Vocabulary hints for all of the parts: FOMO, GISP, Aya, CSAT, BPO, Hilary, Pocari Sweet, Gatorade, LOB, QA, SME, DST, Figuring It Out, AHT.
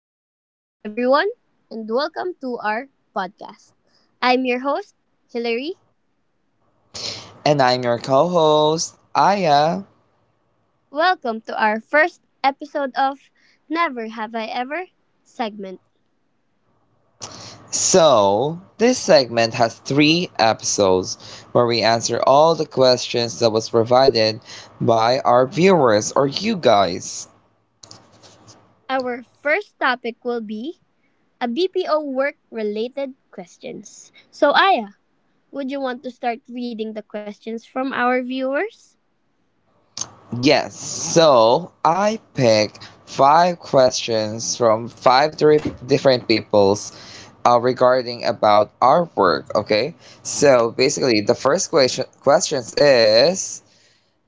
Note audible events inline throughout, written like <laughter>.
Good morning, everyone, and welcome to our podcast. I'm your host, Hilary. And I'm your co host, Aya. Welcome to our first episode of Never Have I Ever segment. So, this segment has three episodes where we answer all the questions that was provided by our viewers or you guys. Our first topic will be a BPO work related questions. So, Aya, would you want to start reading the questions from our viewers? Yes, so I picked five questions from 5, 3 different peoples regarding about our work, okay? So basically the first questions is,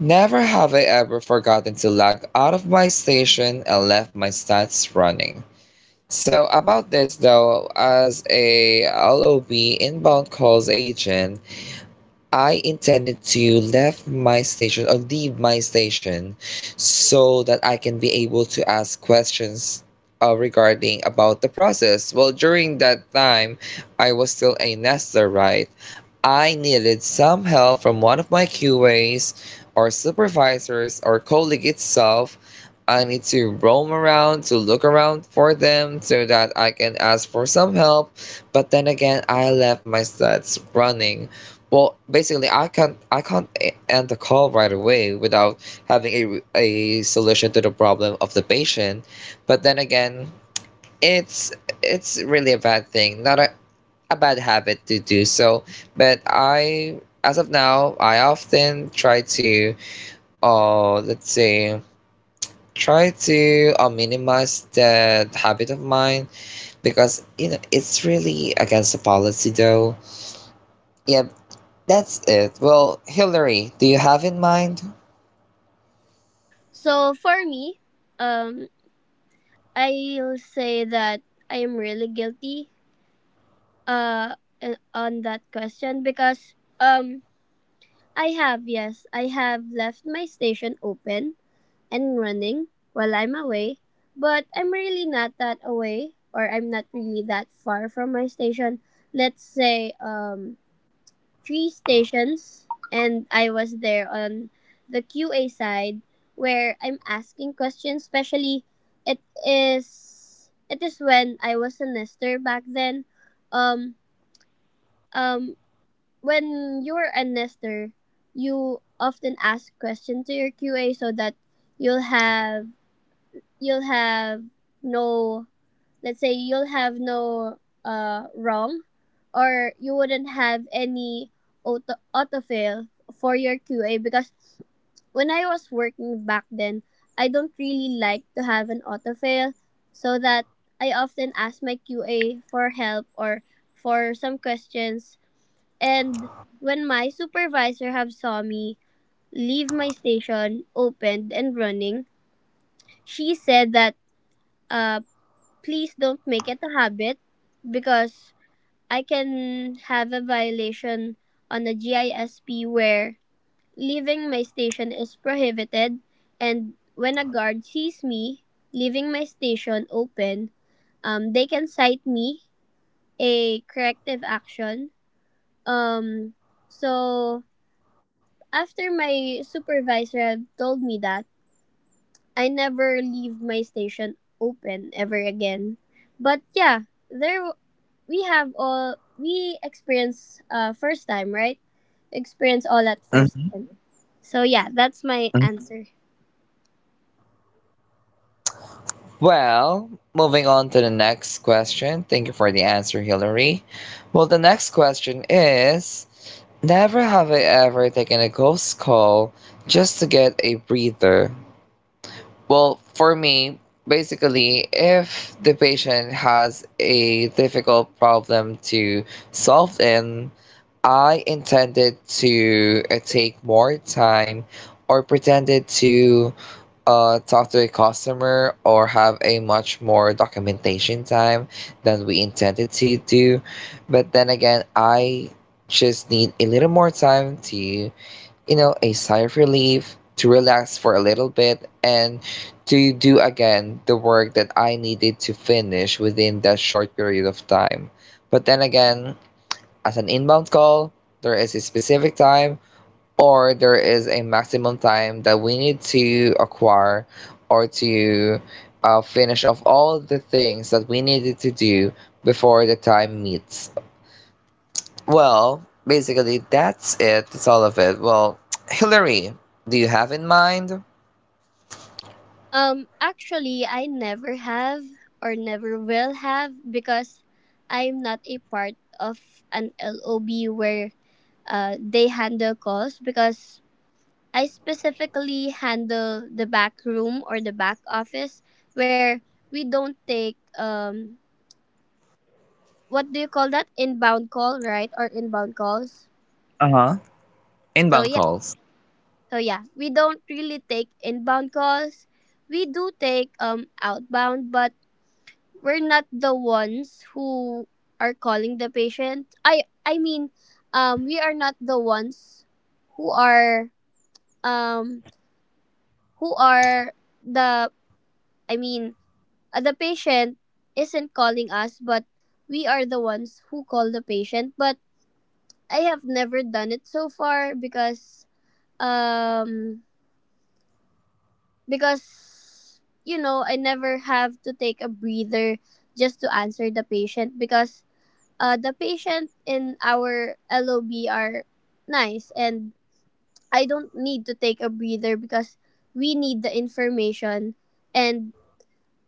never have I ever forgotten to log out of my station and left my stats running. So about this though, as a LOB inbound calls agent, I intended to left my station or leave my station so that I can be able to ask questions regarding about the process. Well, during that time, I was still a nester, right? I needed some help from one of my QAs or supervisors or colleague itself. I need to roam around to look around for them so that I can ask for some help. But then again, I left my stats running. Well, basically, I can't end the call right away without having a solution to the problem of the patient. But then again, it's it's really a bad thing. Not a bad habit to do so. But as of now, I often try to, let's say, try to minimize that habit of mine because you know it's really against the policy though. Yeah, that's it. Well, Hillary, do you have in mind? So, for me, um, I'll say that I am really guilty uh, on that question because um I have, yes. I have left my station open and running while I'm away, but I'm really not that away or I'm not really that far from my station. Let's say three stations and I was there on the QA side where I'm asking questions, especially it is when I was a nester back then. Um um when you're a nester, you often ask questions to your QA so that you'll have you'll have no, let's say, you'll have no wrong, or you wouldn't have any autofill for your QA because when I was working back then, I don't really like to have an autofill, so that I often ask my QA for help or for some questions. And when my supervisor have saw me leave my station opened and running, she said that uh, please don't make it a habit because I can have a violation on a GISP where leaving my station is prohibited, and when a guard sees me leaving my station open, they can cite me a corrective action. Um, so after my supervisor had told me that, I never leave my station open ever again. But yeah, we have all we experience first time, right? Experience all at first Mhm, time. So yeah, that's my mhm. answer. Well, moving on to the next question. Thank you for the answer, Hillary. Well, the next question is, never have I ever taken a ghost call just to get a breather. Well, for me, basically, if the patient has a difficult problem to solve, then I intended to take more time or pretended to talk to a customer or have a much more documentation time than we intended to do. But then again, I just need a little more time to, you know, a sigh of relief, to relax for a little bit, and to do again the work that I needed to finish within that short period of time. But then again, as an inbound call, there is a specific time or there is a maximum time that we need to acquire or to finish off all the things that we needed to do before the time meets. Well, basically, that's it. That's all of it. Well, Hillary, do you have in mind? Actually I never have or never will have because I'm not a part of an LOB where they handle calls because I specifically handle the back room or the back office where we don't take what do you call that, inbound call, right, or inbound calls. Uh huh. So Inbound yeah, calls. so yeah, we don't really take inbound calls. We do take outbound, but we're not the ones who are calling the patient. I mean, we are not the ones who are um who are the I mean the patient isn't calling us, but we are the ones who call the patient. But I have never done it so far um because you know I never have to take a breather just to answer the patient because the patient in our LOB are nice, and I don't need to take a breather because we need the information, and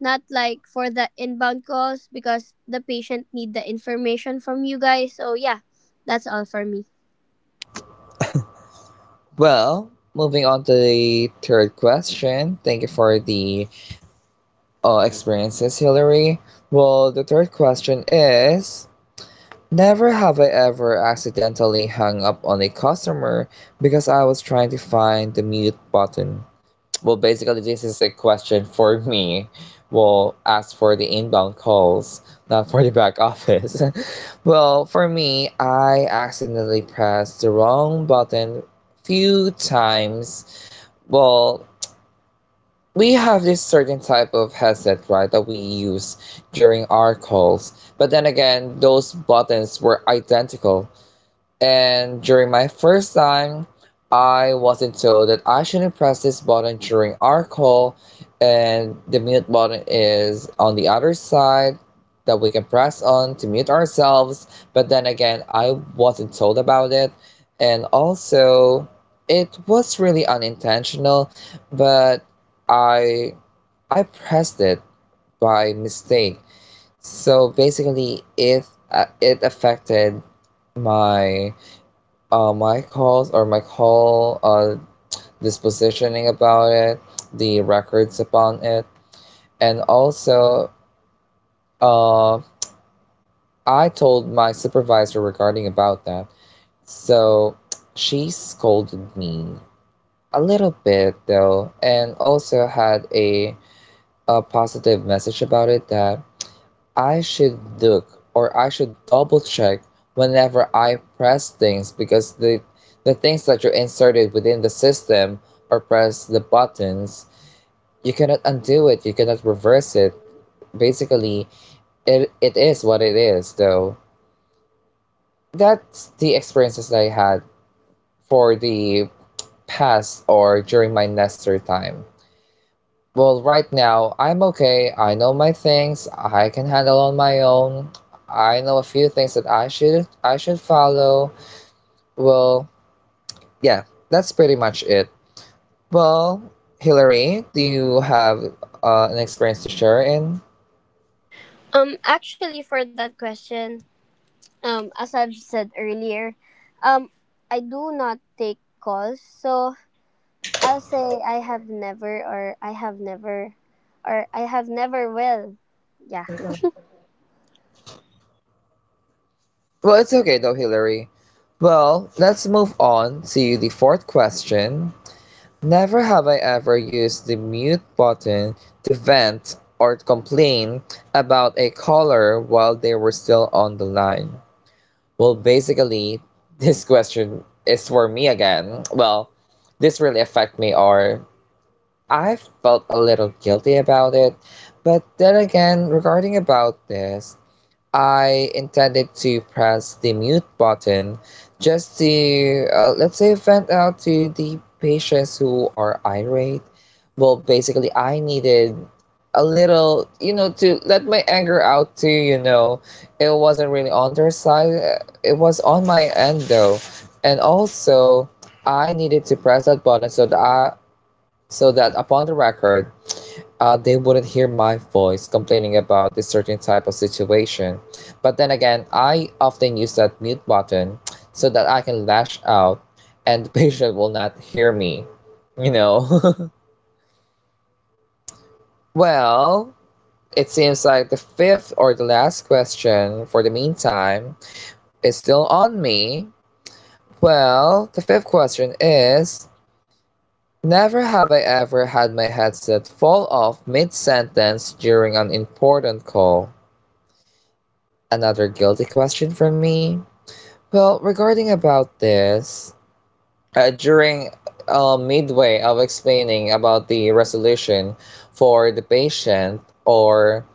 not like for the inbound calls because the patient need the information from you guys. So yeah, that's all for me. Well, moving on to the third question. Thank you for the experiences, Hillary. Well, the third question is, never have I ever accidentally hung up on a customer because I was trying to find the mute button. Well, basically, this is a question for me. Well, as for the inbound calls, not for the back office. <laughs> Well, for me, I accidentally pressed the wrong button few times. Well, we have this certain type of headset, right, that we use during our calls. But then again, those buttons were identical and during my first time, I wasn't told that I shouldn't press this button during our call, and the mute button is on the other side that we can press on to mute ourselves. But then again, I wasn't told about it, and also it was really unintentional, but I I pressed it by mistake. So basically, it it affected my my calls or my call dispositioning about it, the records upon it, and also uh, I told my supervisor regarding about that. So she scolded me a little bit though, and also had a positive message about it that I should look or I should double check whenever I press things because the things that you inserted within the system or press the buttons, you cannot undo it, you cannot reverse it. Basically, it is what it is, though. That's the experiences that I had for the past or during my Nestor time. Well, right now, I'm okay. I know my things. I can handle on my own. I know a few things that I should follow. Well, yeah, that's pretty much it. Well, Hillary, do you have an experience to share in? Actually, for that question, as I've said earlier, um I do not take calls, so I'll say I have never, or I have never, or I have never will. Yeah. Well, it's okay though, Hillary. Well, let's move on to the fourth question. Never have I ever used the mute button to vent or complain about a caller while they were still on the line. Well, basically, <laughs> this question is for me again. Well, this really affect me or I felt a little guilty about it. But then again, regarding about this, I intended to press the mute button just to, let's say, vent out to the patients who are irate. Well, basically, I needed a little, you know, to let my anger out too, you know. It wasn't really on their side, it was on my end though. And also, I needed to press that button so that so that upon the record, they wouldn't hear my voice complaining about this certain type of situation. But then again, I often use that mute button so that I can lash out and <laughs> the patient will not hear me, you know? <laughs> Well, it seems like the fifth or the last question for the meantime is still on me. Well, the fifth question is, never have I ever had my headset fall off mid sentence during an important call. Another guilty question from me? Well, regarding about this, during midway of explaining about the resolution for the patient, or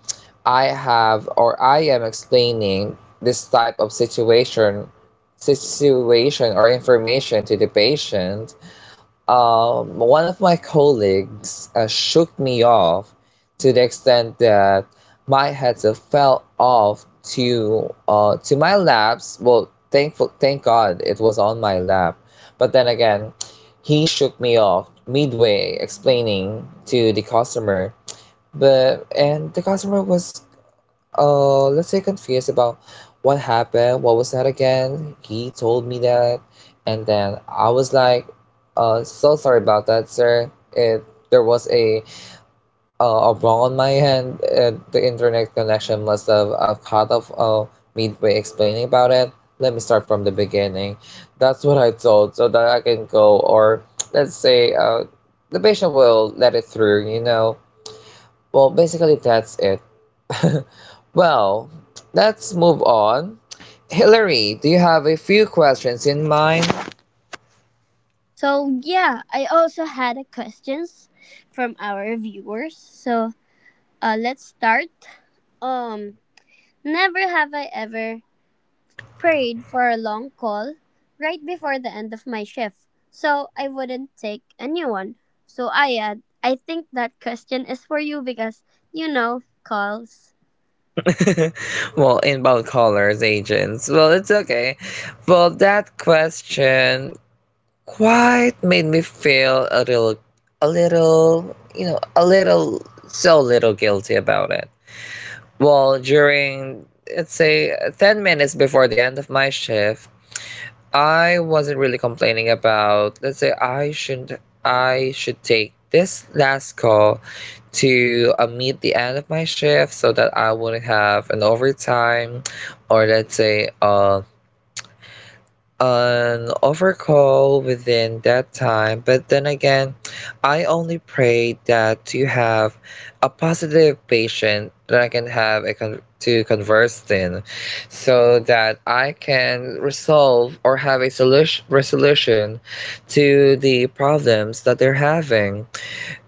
I have or I am explaining this type of situation or information to the patient, one of my colleagues shook me off to the extent that my headset fell off to my laps. Well, thank God it was on my lap. But then again, he shook me off midway, explaining to the customer. But and the customer was let's say confused about what happened, what was that again, he told me that. And then I was like, so sorry about that, sir, it there was a wrong on my end, the internet connection must have cut off midway explaining about it, let me start from the beginning. That's what I told so that I can go or let's say the patient will let it through, you know. Well basically that's it. <laughs> Well, let's move on. Hillary, do you have a few questions in mind? So yeah, I also had a questions from our viewers. So let's start. um Never have I ever prayed for a long call right before the end of my shift, so I wouldn't take a new one. So Ayad, I think that question is for you because you know calls. Well, inbound callers, agents. Well, it's okay. Well, that question quite made me feel a little, you know, a little, so little guilty about it. Well, during, let's say, 10 minutes before the end of my shift, I wasn't really complaining about, let's say, I shouldn't, I should take this last call to meet the end of my shift so that I wouldn't have an overtime or let's say an overcall within that time. But then again, I only pray that you have a positive patient that I can have a to converse in so that I can resolve or have a solution resolution to the problems that they're having.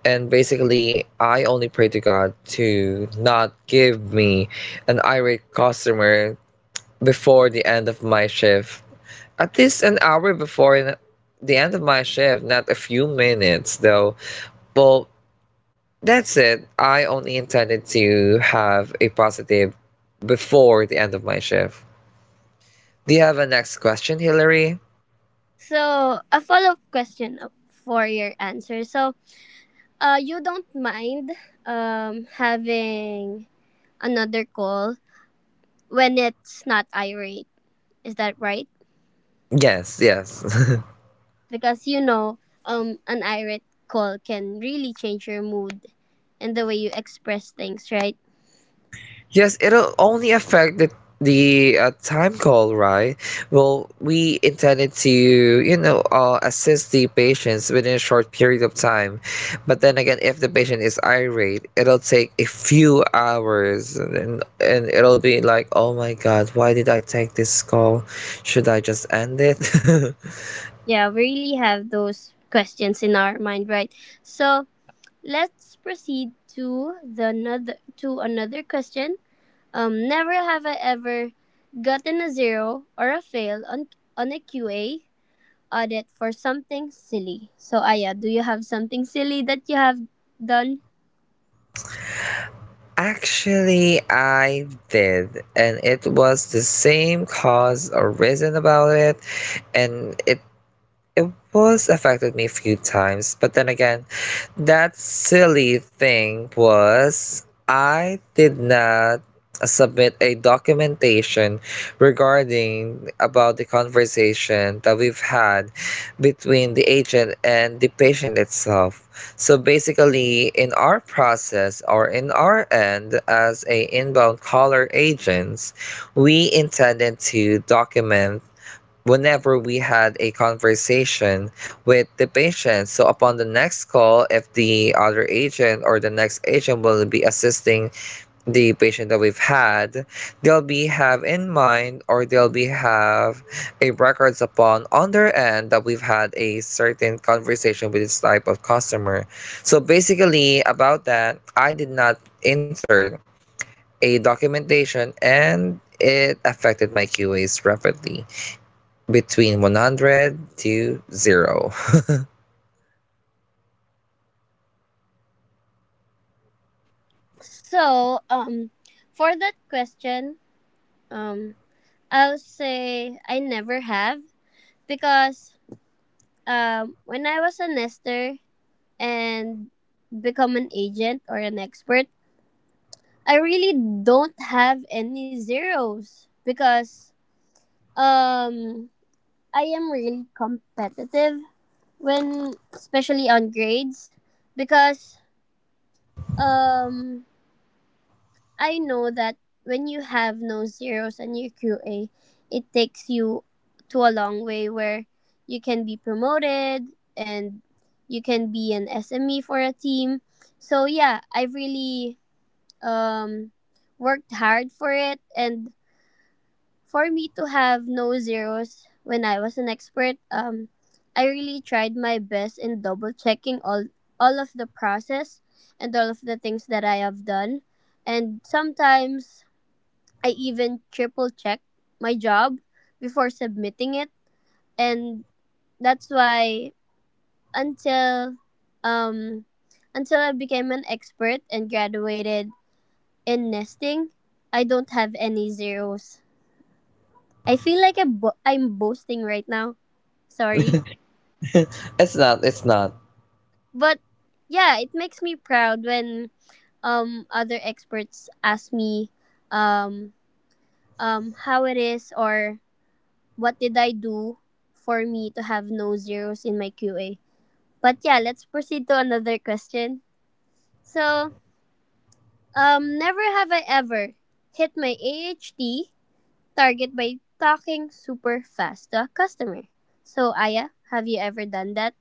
And basically, I only pray to God to not give me an irate customer before the end of my shift. At least an hour before the end of my shift, not a few minutes though. Well, that's it. I only intended to have a positive before the end of my shift. Do you have a next question, Hillary? So a follow up question for your answer. So you don't mind having another call when it's not irate. Is that right? Yes, yes. <laughs> Because you know an irate call can really change your mood and the way you express things, right? Yes, it'll only affect the time call, right? Well, we intended to, you know, assist the patients within a short period of time. But then again, if the patient is irate, it'll take a few hours and it'll be like, oh my God, why did I take this call? Should I just end it? Yeah, we really have those questions in our mind, right? So let's proceed to the another to another question. Never have I ever gotten a zero or a fail on a QA audit for something silly. So Aya, do you have something silly that you have done? <laughs> Actually, I did. And it was the same cause or reason about it and it was affected me a few times, but then again, that silly thing was I did not submit a documentation regarding about the conversation that we've had between the agent and the patient itself. So basically, in our process or in our end as a inbound caller agents, we intended to document whenever we had a conversation with the patient. So upon the next call, if the other agent or the next agent will be assisting the patient that we've had, they'll be have in mind or they'll be have a records upon on their end that we've had a certain conversation with this type of customer. So basically about that, I did not insert a documentation and it affected my QAs rapidly between 100 to 0. So for that question, um, I'll say I never have because when I was a nester, and become an agent or an expert, I really don't have any zeros because um I am really competitive when especially on grades because um I know that when you have no zeros and your QA, it takes you to a long way where you can be promoted and you can be an SME for a team. So yeah, I really um, worked hard for it. And for me to have no zeros when I was an expert, I really tried my best in double checking all of the process and all of the things that I have done. And sometimes I even triple check my job before submitting it. And that's why until um until I became an expert and graduated in nesting, I don't have any zeros. I feel like I'm boasting right now. Sorry. <laughs> It's not, it's not. But yeah, it makes me proud when other experts ask me um how it is, or what did I do for me to have no zeros in my QA. But yeah, let's proceed to another question. So, never have I ever hit my AHT target by talking super fast to a customer. So, Aya, have you ever done that?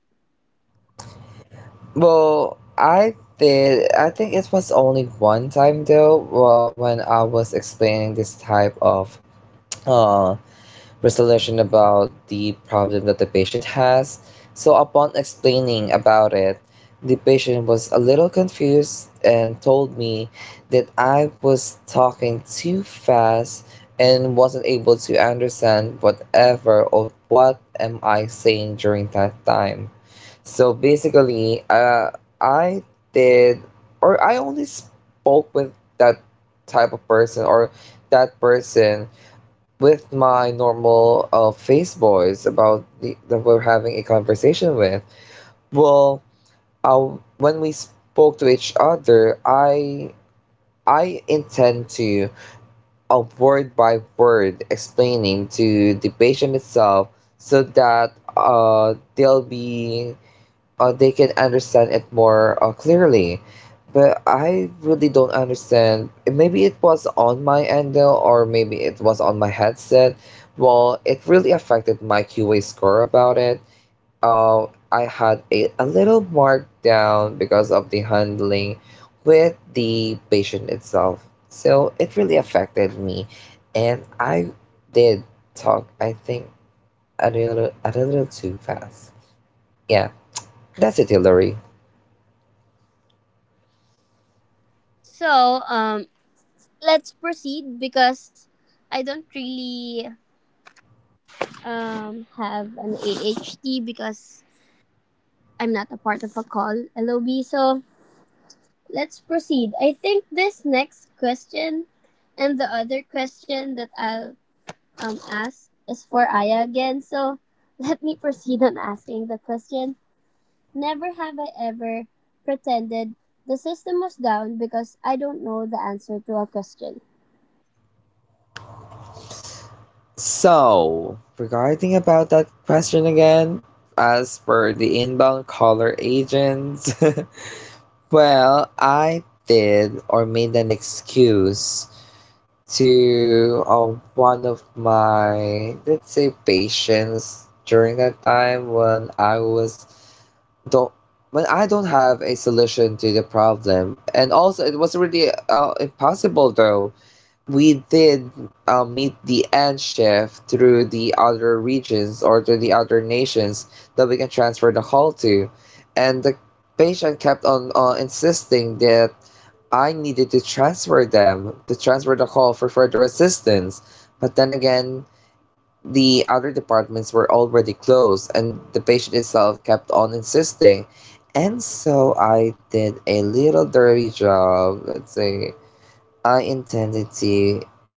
Well, I did, I think it was only one time though, well, when I was explaining this type of uh resolution about the problem that the patient has. So, upon explaining about it, the patient was a little confused and told me that I was talking too fast and wasn't able to understand whatever or what am I saying during that time. So basically, I did or I only spoke with that type of person or that person with my normal face boys about the, that we're having a conversation with, well, uh, when we spoke to each other, I intend to word by word explaining to the patient itself so that they'll be they can understand it more clearly. But I really don't understand. Maybe it was on my end though, or maybe it was on my headset. Well, it really affected my QA score about it. Uh, I had a little markdown because of the handling with the patient itself. So it really affected me. And I did talk, I think, a little too fast. Yeah, that's it, Hillary. So, let's proceed because I don't really have an AHT because I'm not a part of a call LOB. So, let's proceed. I think this next question and the other question that I'll ask is for Aya again. So, <laughs> let me proceed on asking the question. Never have I ever pretended the system was down because I don't know the answer to a question. So, regarding about that question again, as for the inbound caller agents, <laughs> well, I did or made an excuse to one of my, let's say, patients during that time don't when I don't have a solution to the problem, and also it was really impossible though we did meet the end shift through the other regions or to the other nations that we can transfer the call to. And the patient kept on insisting that I needed to transfer the call for further assistance. But then again, the other departments were already closed and the patient itself kept on insisting. And so I did a little dirty job, let's say I intended to,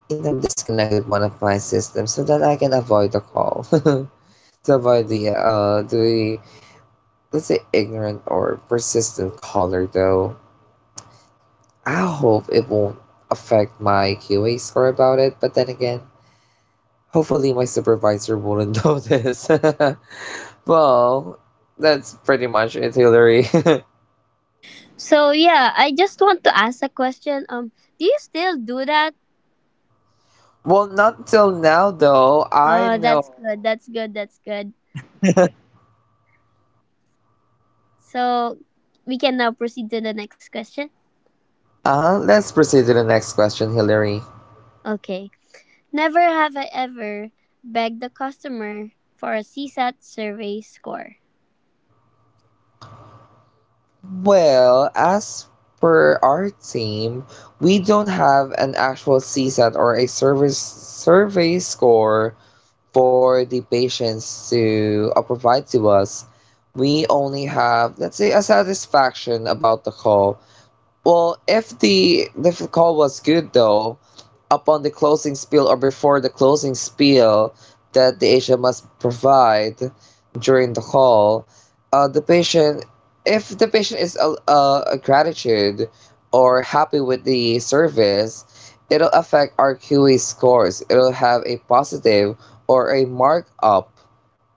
you know, disconnected one of my systems so that I can avoid the call. <laughs> to avoid let's say, ignorant or persistent caller, though. I hope it won't affect my QA score about it, but then again, hopefully my supervisor wouldn't notice. <laughs> well, that's pretty much it, Hillary. <laughs> So yeah, I just want to ask a question. Do you still do that? well, not till now, though. I Oh, know. that's good. That's good. That's good. <laughs> So we can now proceed to the next question. Let's proceed to the next question, Hillary. Okay. Never have I ever begged the customer for a CSAT survey score. Well, as per our team, we don't have an actual CSAT or a service survey score for the patients to provide to us. We only have, let's say, a satisfaction about the call. Well, if the call was good though, upon the closing spiel or before the closing spiel that the agent must provide during the call, the patient, if the patient is a gratitude or happy with the service, it'll affect our QE scores. It'll have a positive or a markup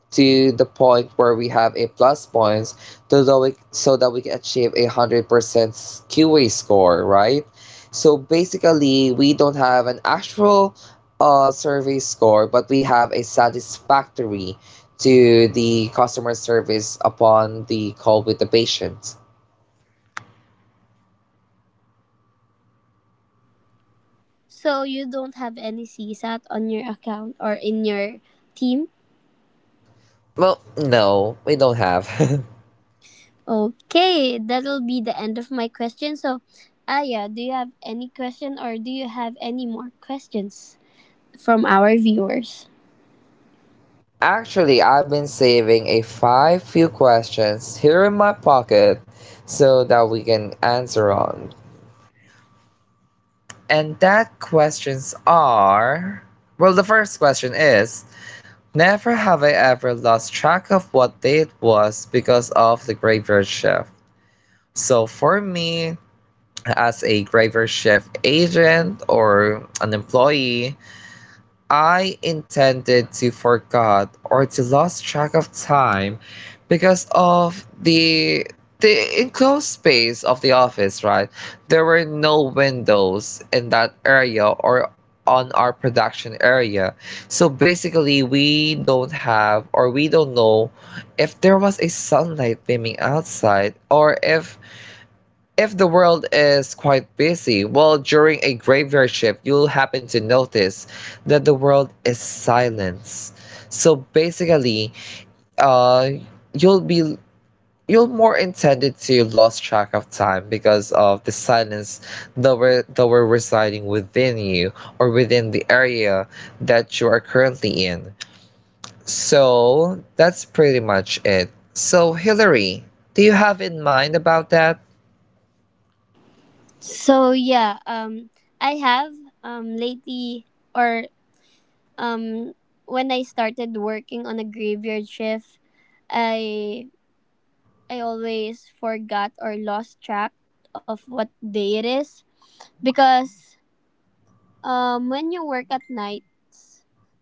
to the point where we have a plus points to so that we can achieve a 100% QA score, right? So basically, we don't have an actual survey score, but we have a satisfactory to the customer service upon the call with the patient. So you don't have any CSAT on your account or in your team? Well, no, we don't have. <laughs> Okay, that'll be the end of my question. So, Aya, do you have any question or do you have any more questions from our viewers? Actually, I've been saving a five few questions here in my pocket so that we can answer on. And that questions are well, the first question is, never have I ever lost track of what day it was because of the graveyard shift. So, for me, as a graveyard shift agent or an employee, I intended to forgot or to lost track of time because of the enclosed space of the office, right? There were no windows in that area or on our production area. So basically we don't have or we don't know if there was a sunlight beaming outside or if the world is quite busy, well, during a graveyard shift, you'll happen to notice that the world is silence. So basically, uh, you'll be you'll more intended to lose track of time because of the silence that were residing within you or within the area that you are currently in. So that's pretty much it. So Hillary, do you have in mind about that? So, yeah, I have lately or um when I started working on a graveyard shift, I I always forgot or lost track of what day it is because when you work at night,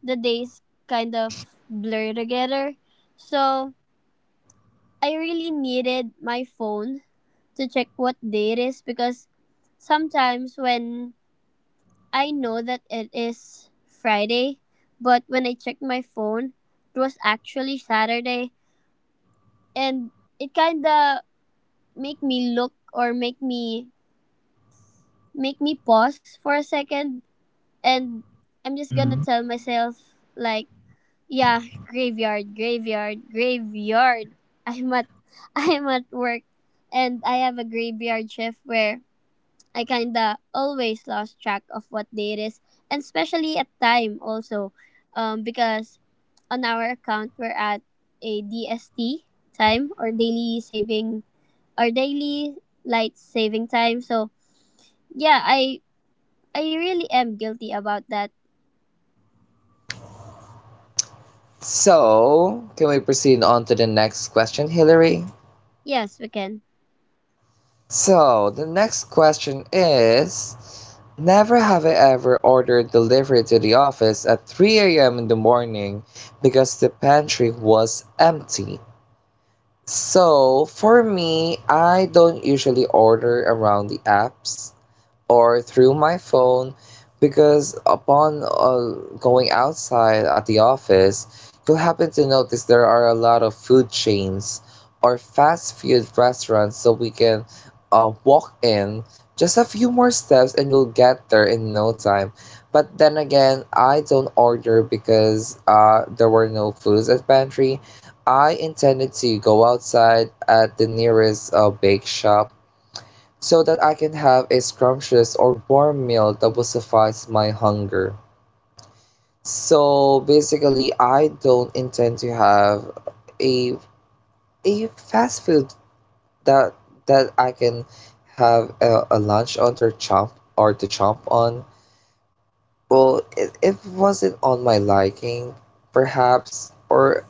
the days kind of blur together. So I really needed my phone to check what day it is because sometimes when I know that it is Friday, but when I checked my phone, it was actually Saturday. And it kind of make me look, or make me, pause for a second. And I'm just gonna Mhm. tell myself like, yeah, graveyard, graveyard, graveyard. I'm at <laughs> I'm at work and I have a graveyard shift where I kinda always lost track of what day it is, and especially at time also. Because on our account we're at a DST time, or daily saving, or daily light saving time. So yeah, I really am guilty about that. So, can we proceed on to the next question, Hillary? Yes, we can. So, the next question is, never have I ever ordered delivery to the office at 3 a.m. in the morning because the pantry was empty. So, for me, I don't usually order around the apps or through my phone because upon going outside at the office, you'll happen to notice there are a lot of food chains or fast food restaurants so we can walk in just a few more steps and you'll get there in no time. But then again, I don't order because there were no foods at pantry. I intended to go outside at the nearest bake shop so that I can have a scrumptious or warm meal that will suffice my hunger. So basically, I don't intend to have a a fast food that that I can have a lunch on or chomp or to chomp on. Well, it wasn't on my liking, perhaps, or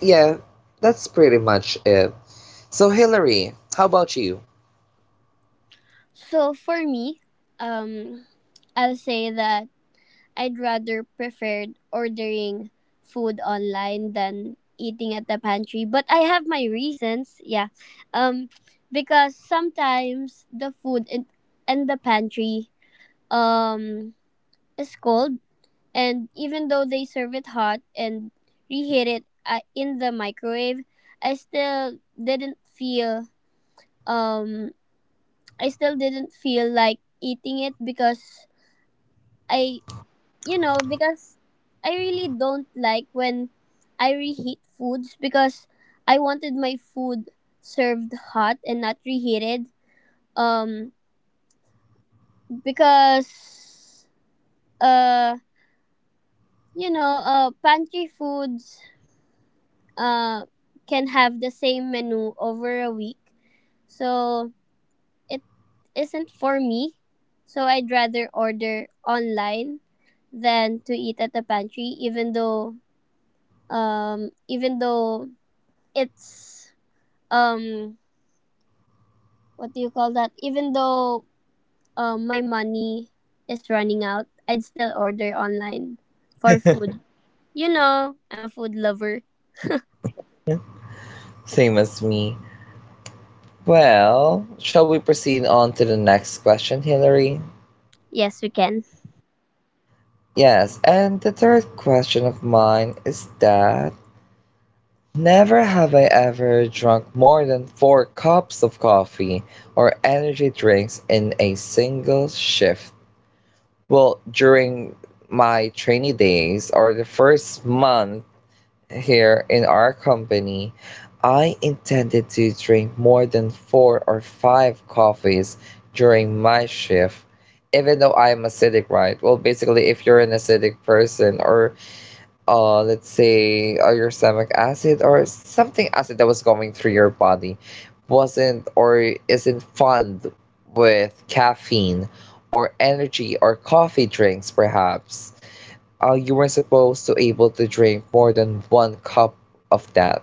yeah, that's pretty much it. So Hillary, how about you? So for me, um, I'll say that I'd rather prefer ordering food online than eating at the pantry. But I have my reasons, yeah. Um, because sometimes the food in the pantry um is cold, and even though they serve it hot and reheat it in the microwave, I still didn't feel um I still didn't feel like eating it because I you know because I really don't like when I reheat foods because I wanted my food served hot and not reheated. Um because uh you know pantry foods uh can have the same menu over a week. So it isn't for me. So I'd rather order online than to eat at the pantry, even though, even though it's, um what do you call that, even though my money is running out, I'd still order online for food. You know, I'm a food lover. Same as me. Well, shall we proceed on to the next question, Hillary? Yes, we can. Yes, and the third question of mine is that never have I ever drunk more than four cups of coffee or energy drinks in a single shift. Well, during my trainee days or the first month here in our company, I intended to drink more than four or five coffees during my shift, even though I'm acidic, right? Well, basically, if you're an acidic person, or let's say your stomach acid or something acid that was going through your body wasn't or isn't fond with caffeine or energy or coffee drinks, perhaps, you weren't supposed to able to drink more than one cup of that.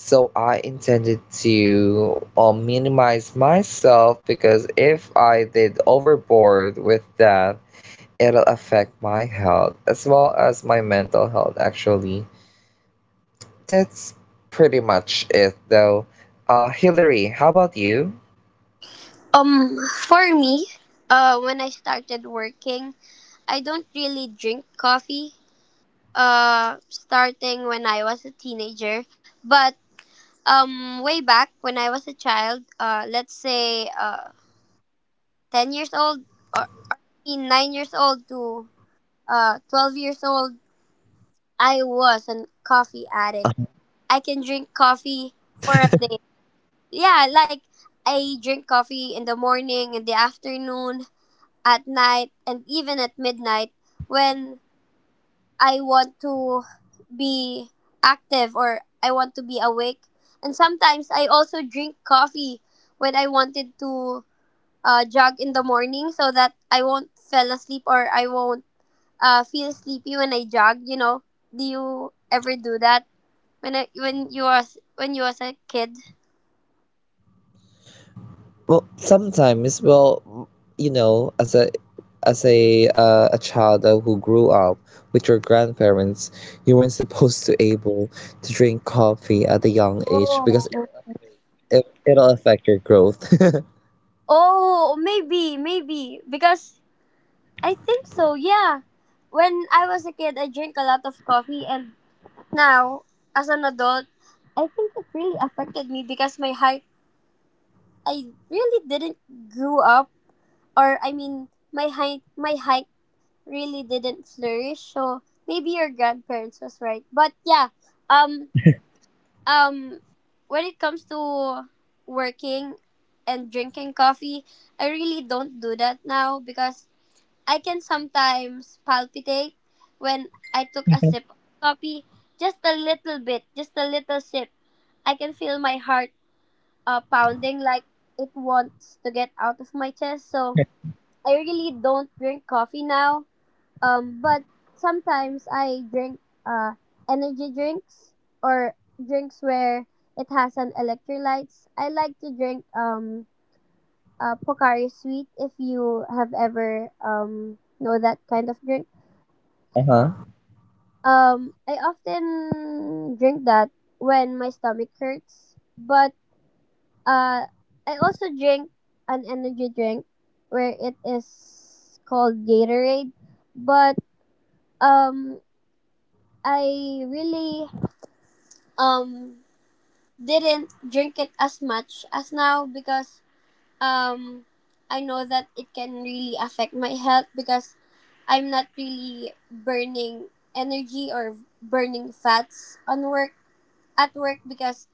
So I intended to minimize myself because if I did overboard with that, it'll affect my health as well as my mental health, actually. That's pretty much it, though. Hillary, how about you? um for me, when I started working, I don't really drink coffee starting when I was a teenager. But way back when I was a child, let's say 10 years old, or between 9 years old to 12 years old, I was a coffee addict. I can drink coffee for a day. Yeah, like I drink coffee in the morning, in the afternoon, at night, and even at midnight when I want to be active or I want to be awake. And sometimes I also drink coffee when I wanted to jog in the morning so that I won't fall asleep or I won't feel sleepy when I jog. You know, do you ever do that when when you was, when you was a kid? Well, sometimes, well, you know, as a a child who grew up with your grandparents, you weren't supposed to able to drink coffee at a young age because Oh. It'll affect your growth. <laughs> Oh, maybe, maybe because I think so. Yeah, when I was a kid, I drank a lot of coffee, and now as an adult, I think it really affected me because my height. I really didn't grow up, or I mean, my height really didn't flourish. So maybe your grandparents was right, but um, um when it comes to working and drinking coffee, I really don't do that now because I can sometimes palpitate when I took a sip of coffee, just a little bit, just a little sip. I can feel my heart pounding like it wants to get out of my chest. So I really don't drink coffee now, but sometimes I drink energy drinks or drinks where it has an electrolytes. I like to drink Pocari Sweet if you have ever know that kind of drink. Uh-huh. I often drink that when my stomach hurts, but uh I also drink an energy drink where it is called Gatorade, but um I really um didn't drink it as much as now because um I know that it can really affect my health because I'm not really burning energy or burning fats on work at work because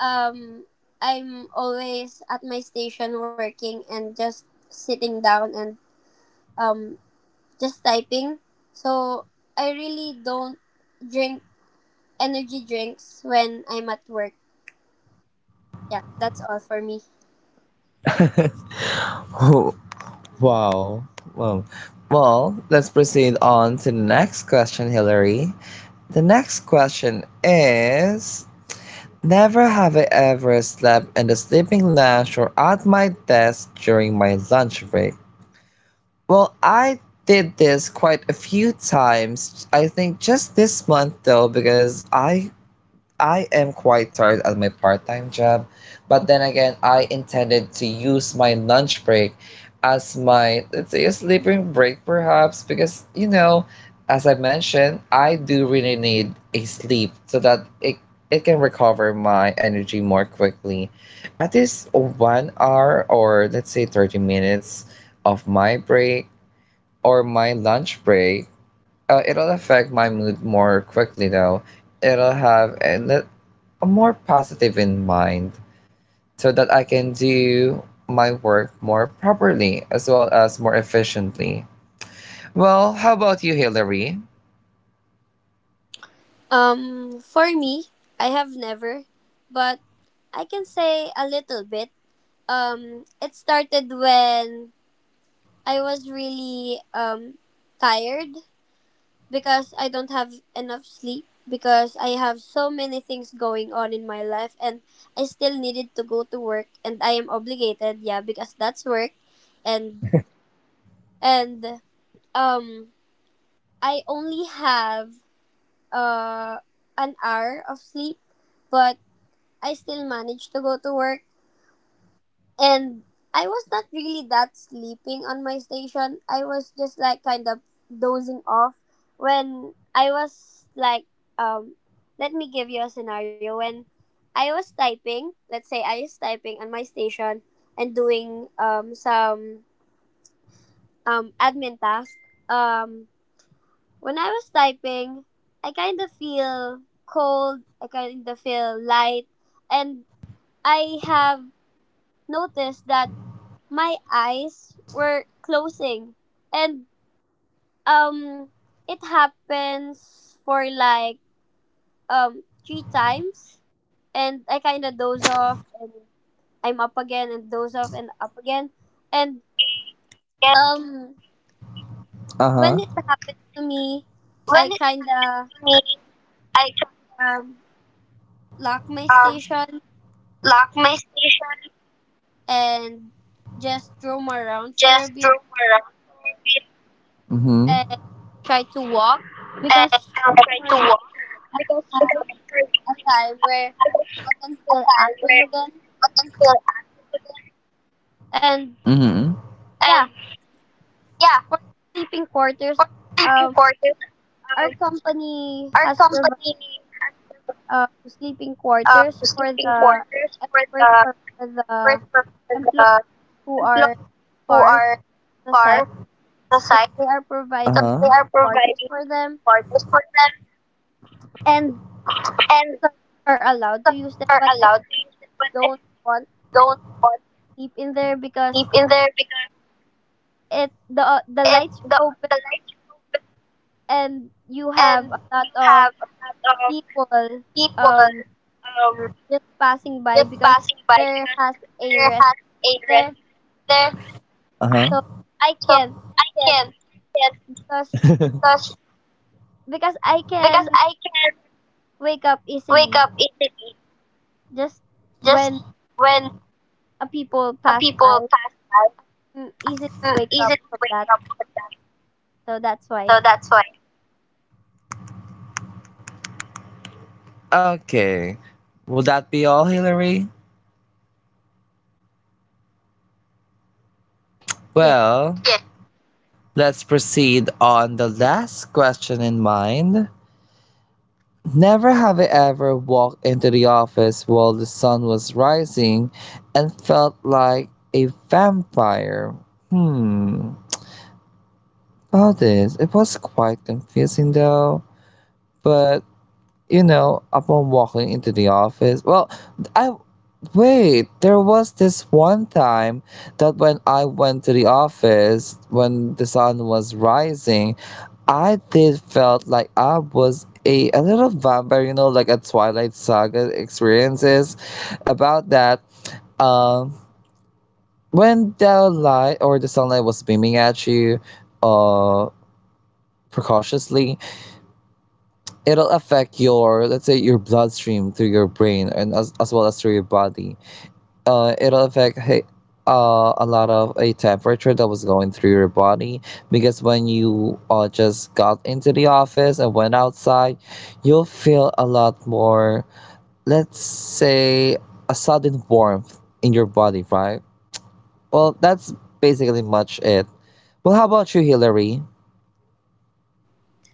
um I'm always at my station working and just sitting down and um just typing. So I really don't drink energy drinks when I'm at work. Yeah, that's all for me. Oh, wow. Well, well, let's proceed on to the next question, Hillary. The next question is, never have I ever slept in the sleeping lounge or at my desk during my lunch break. Well, I did this quite a few times, I think just this month though, because I am quite tired at my part time job, but then again, I intended to use my lunch break as my, let's say, a sleeping break perhaps, because, you know, as I mentioned, I do really need a sleep so that it can recover my energy more quickly. At least 1 hour or let's say 30 minutes of my break or my lunch break, it'll affect my mood more quickly though. It'll have, and more positive in mind so that I can do my work more properly as well as more efficiently. Well, how about you, Hillary? For me, I have never, but I can say a little bit. It started when I was really tired because I don't have enough sleep because I have so many things going on in my life and I still needed to go to work and I am obligated, yeah, because that's work and and um I only have uh an hour of sleep, but I still managed to go to work. And I was not really that sleeping on my station. I was just like kind of dozing off when I was like, um, let me give you a scenario. When I was typing, let's say I was typing on my station and doing some admin task. Um, when I was typing, I kind of feel cold, I kind of feel light, and I have noticed that my eyes were closing, and um it happens for like three times, and I kind of doze off and I'm up again and doze off and up again, and Yeah. um Uh huh. when it happens to me, When I it's kind of me, I can um lock my um, station lock my station, and just roam around for a just bit through and try to walk because for a time where I can feel active again. And yeah, for sleeping quarters, um, our company has provided sleeping quarters for the experts or for the employees who are far from the site. So they are providing quarters for them, and so are allowed to use them. But I don't want to sleep in there because it the lights are open and you have a lot of people um just passing by because there has a rest there. So I can't. I can't because I can wake up easily just when a people pass by. I easily wake up from that. So that's why. Yeah.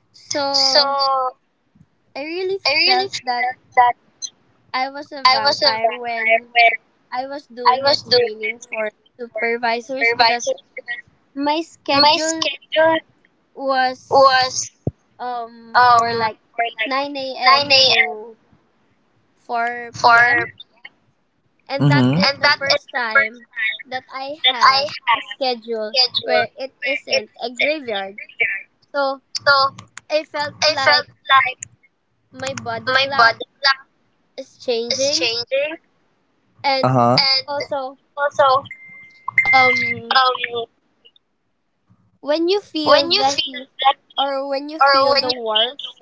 So I really felt that I was a vampire when I was doing a training for supervisors because my schedule was for like 9 a.m. to 4 p.m. And that is the Mhm. first time that I have a schedule where it isn't a graveyard. So I felt like my body clock is changing, and also um when you feel the heat or when you feel the warmth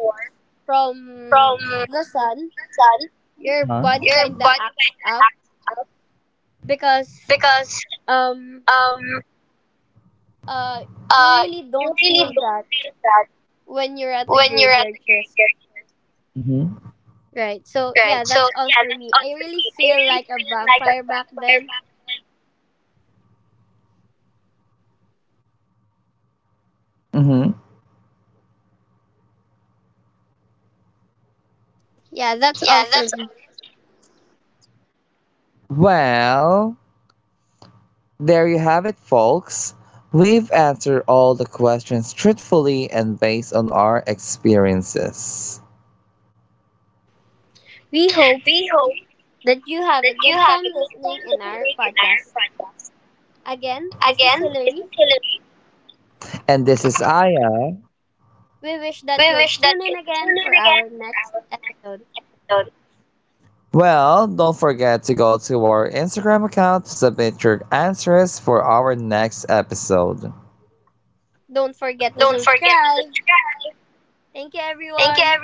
from the sun, your body Mhm. kinda acts up because um uh you really don't feel that when you're at the graveyard shift. Right. So yeah, that's all for me. I really feel like a vampire back then. Yeah, that's all for me. We hope that you have a good time listening in our podcast. Again, this is Hillary. We wish that you'll tune in again for our next episode. Don't forget to subscribe. Thank you everyone.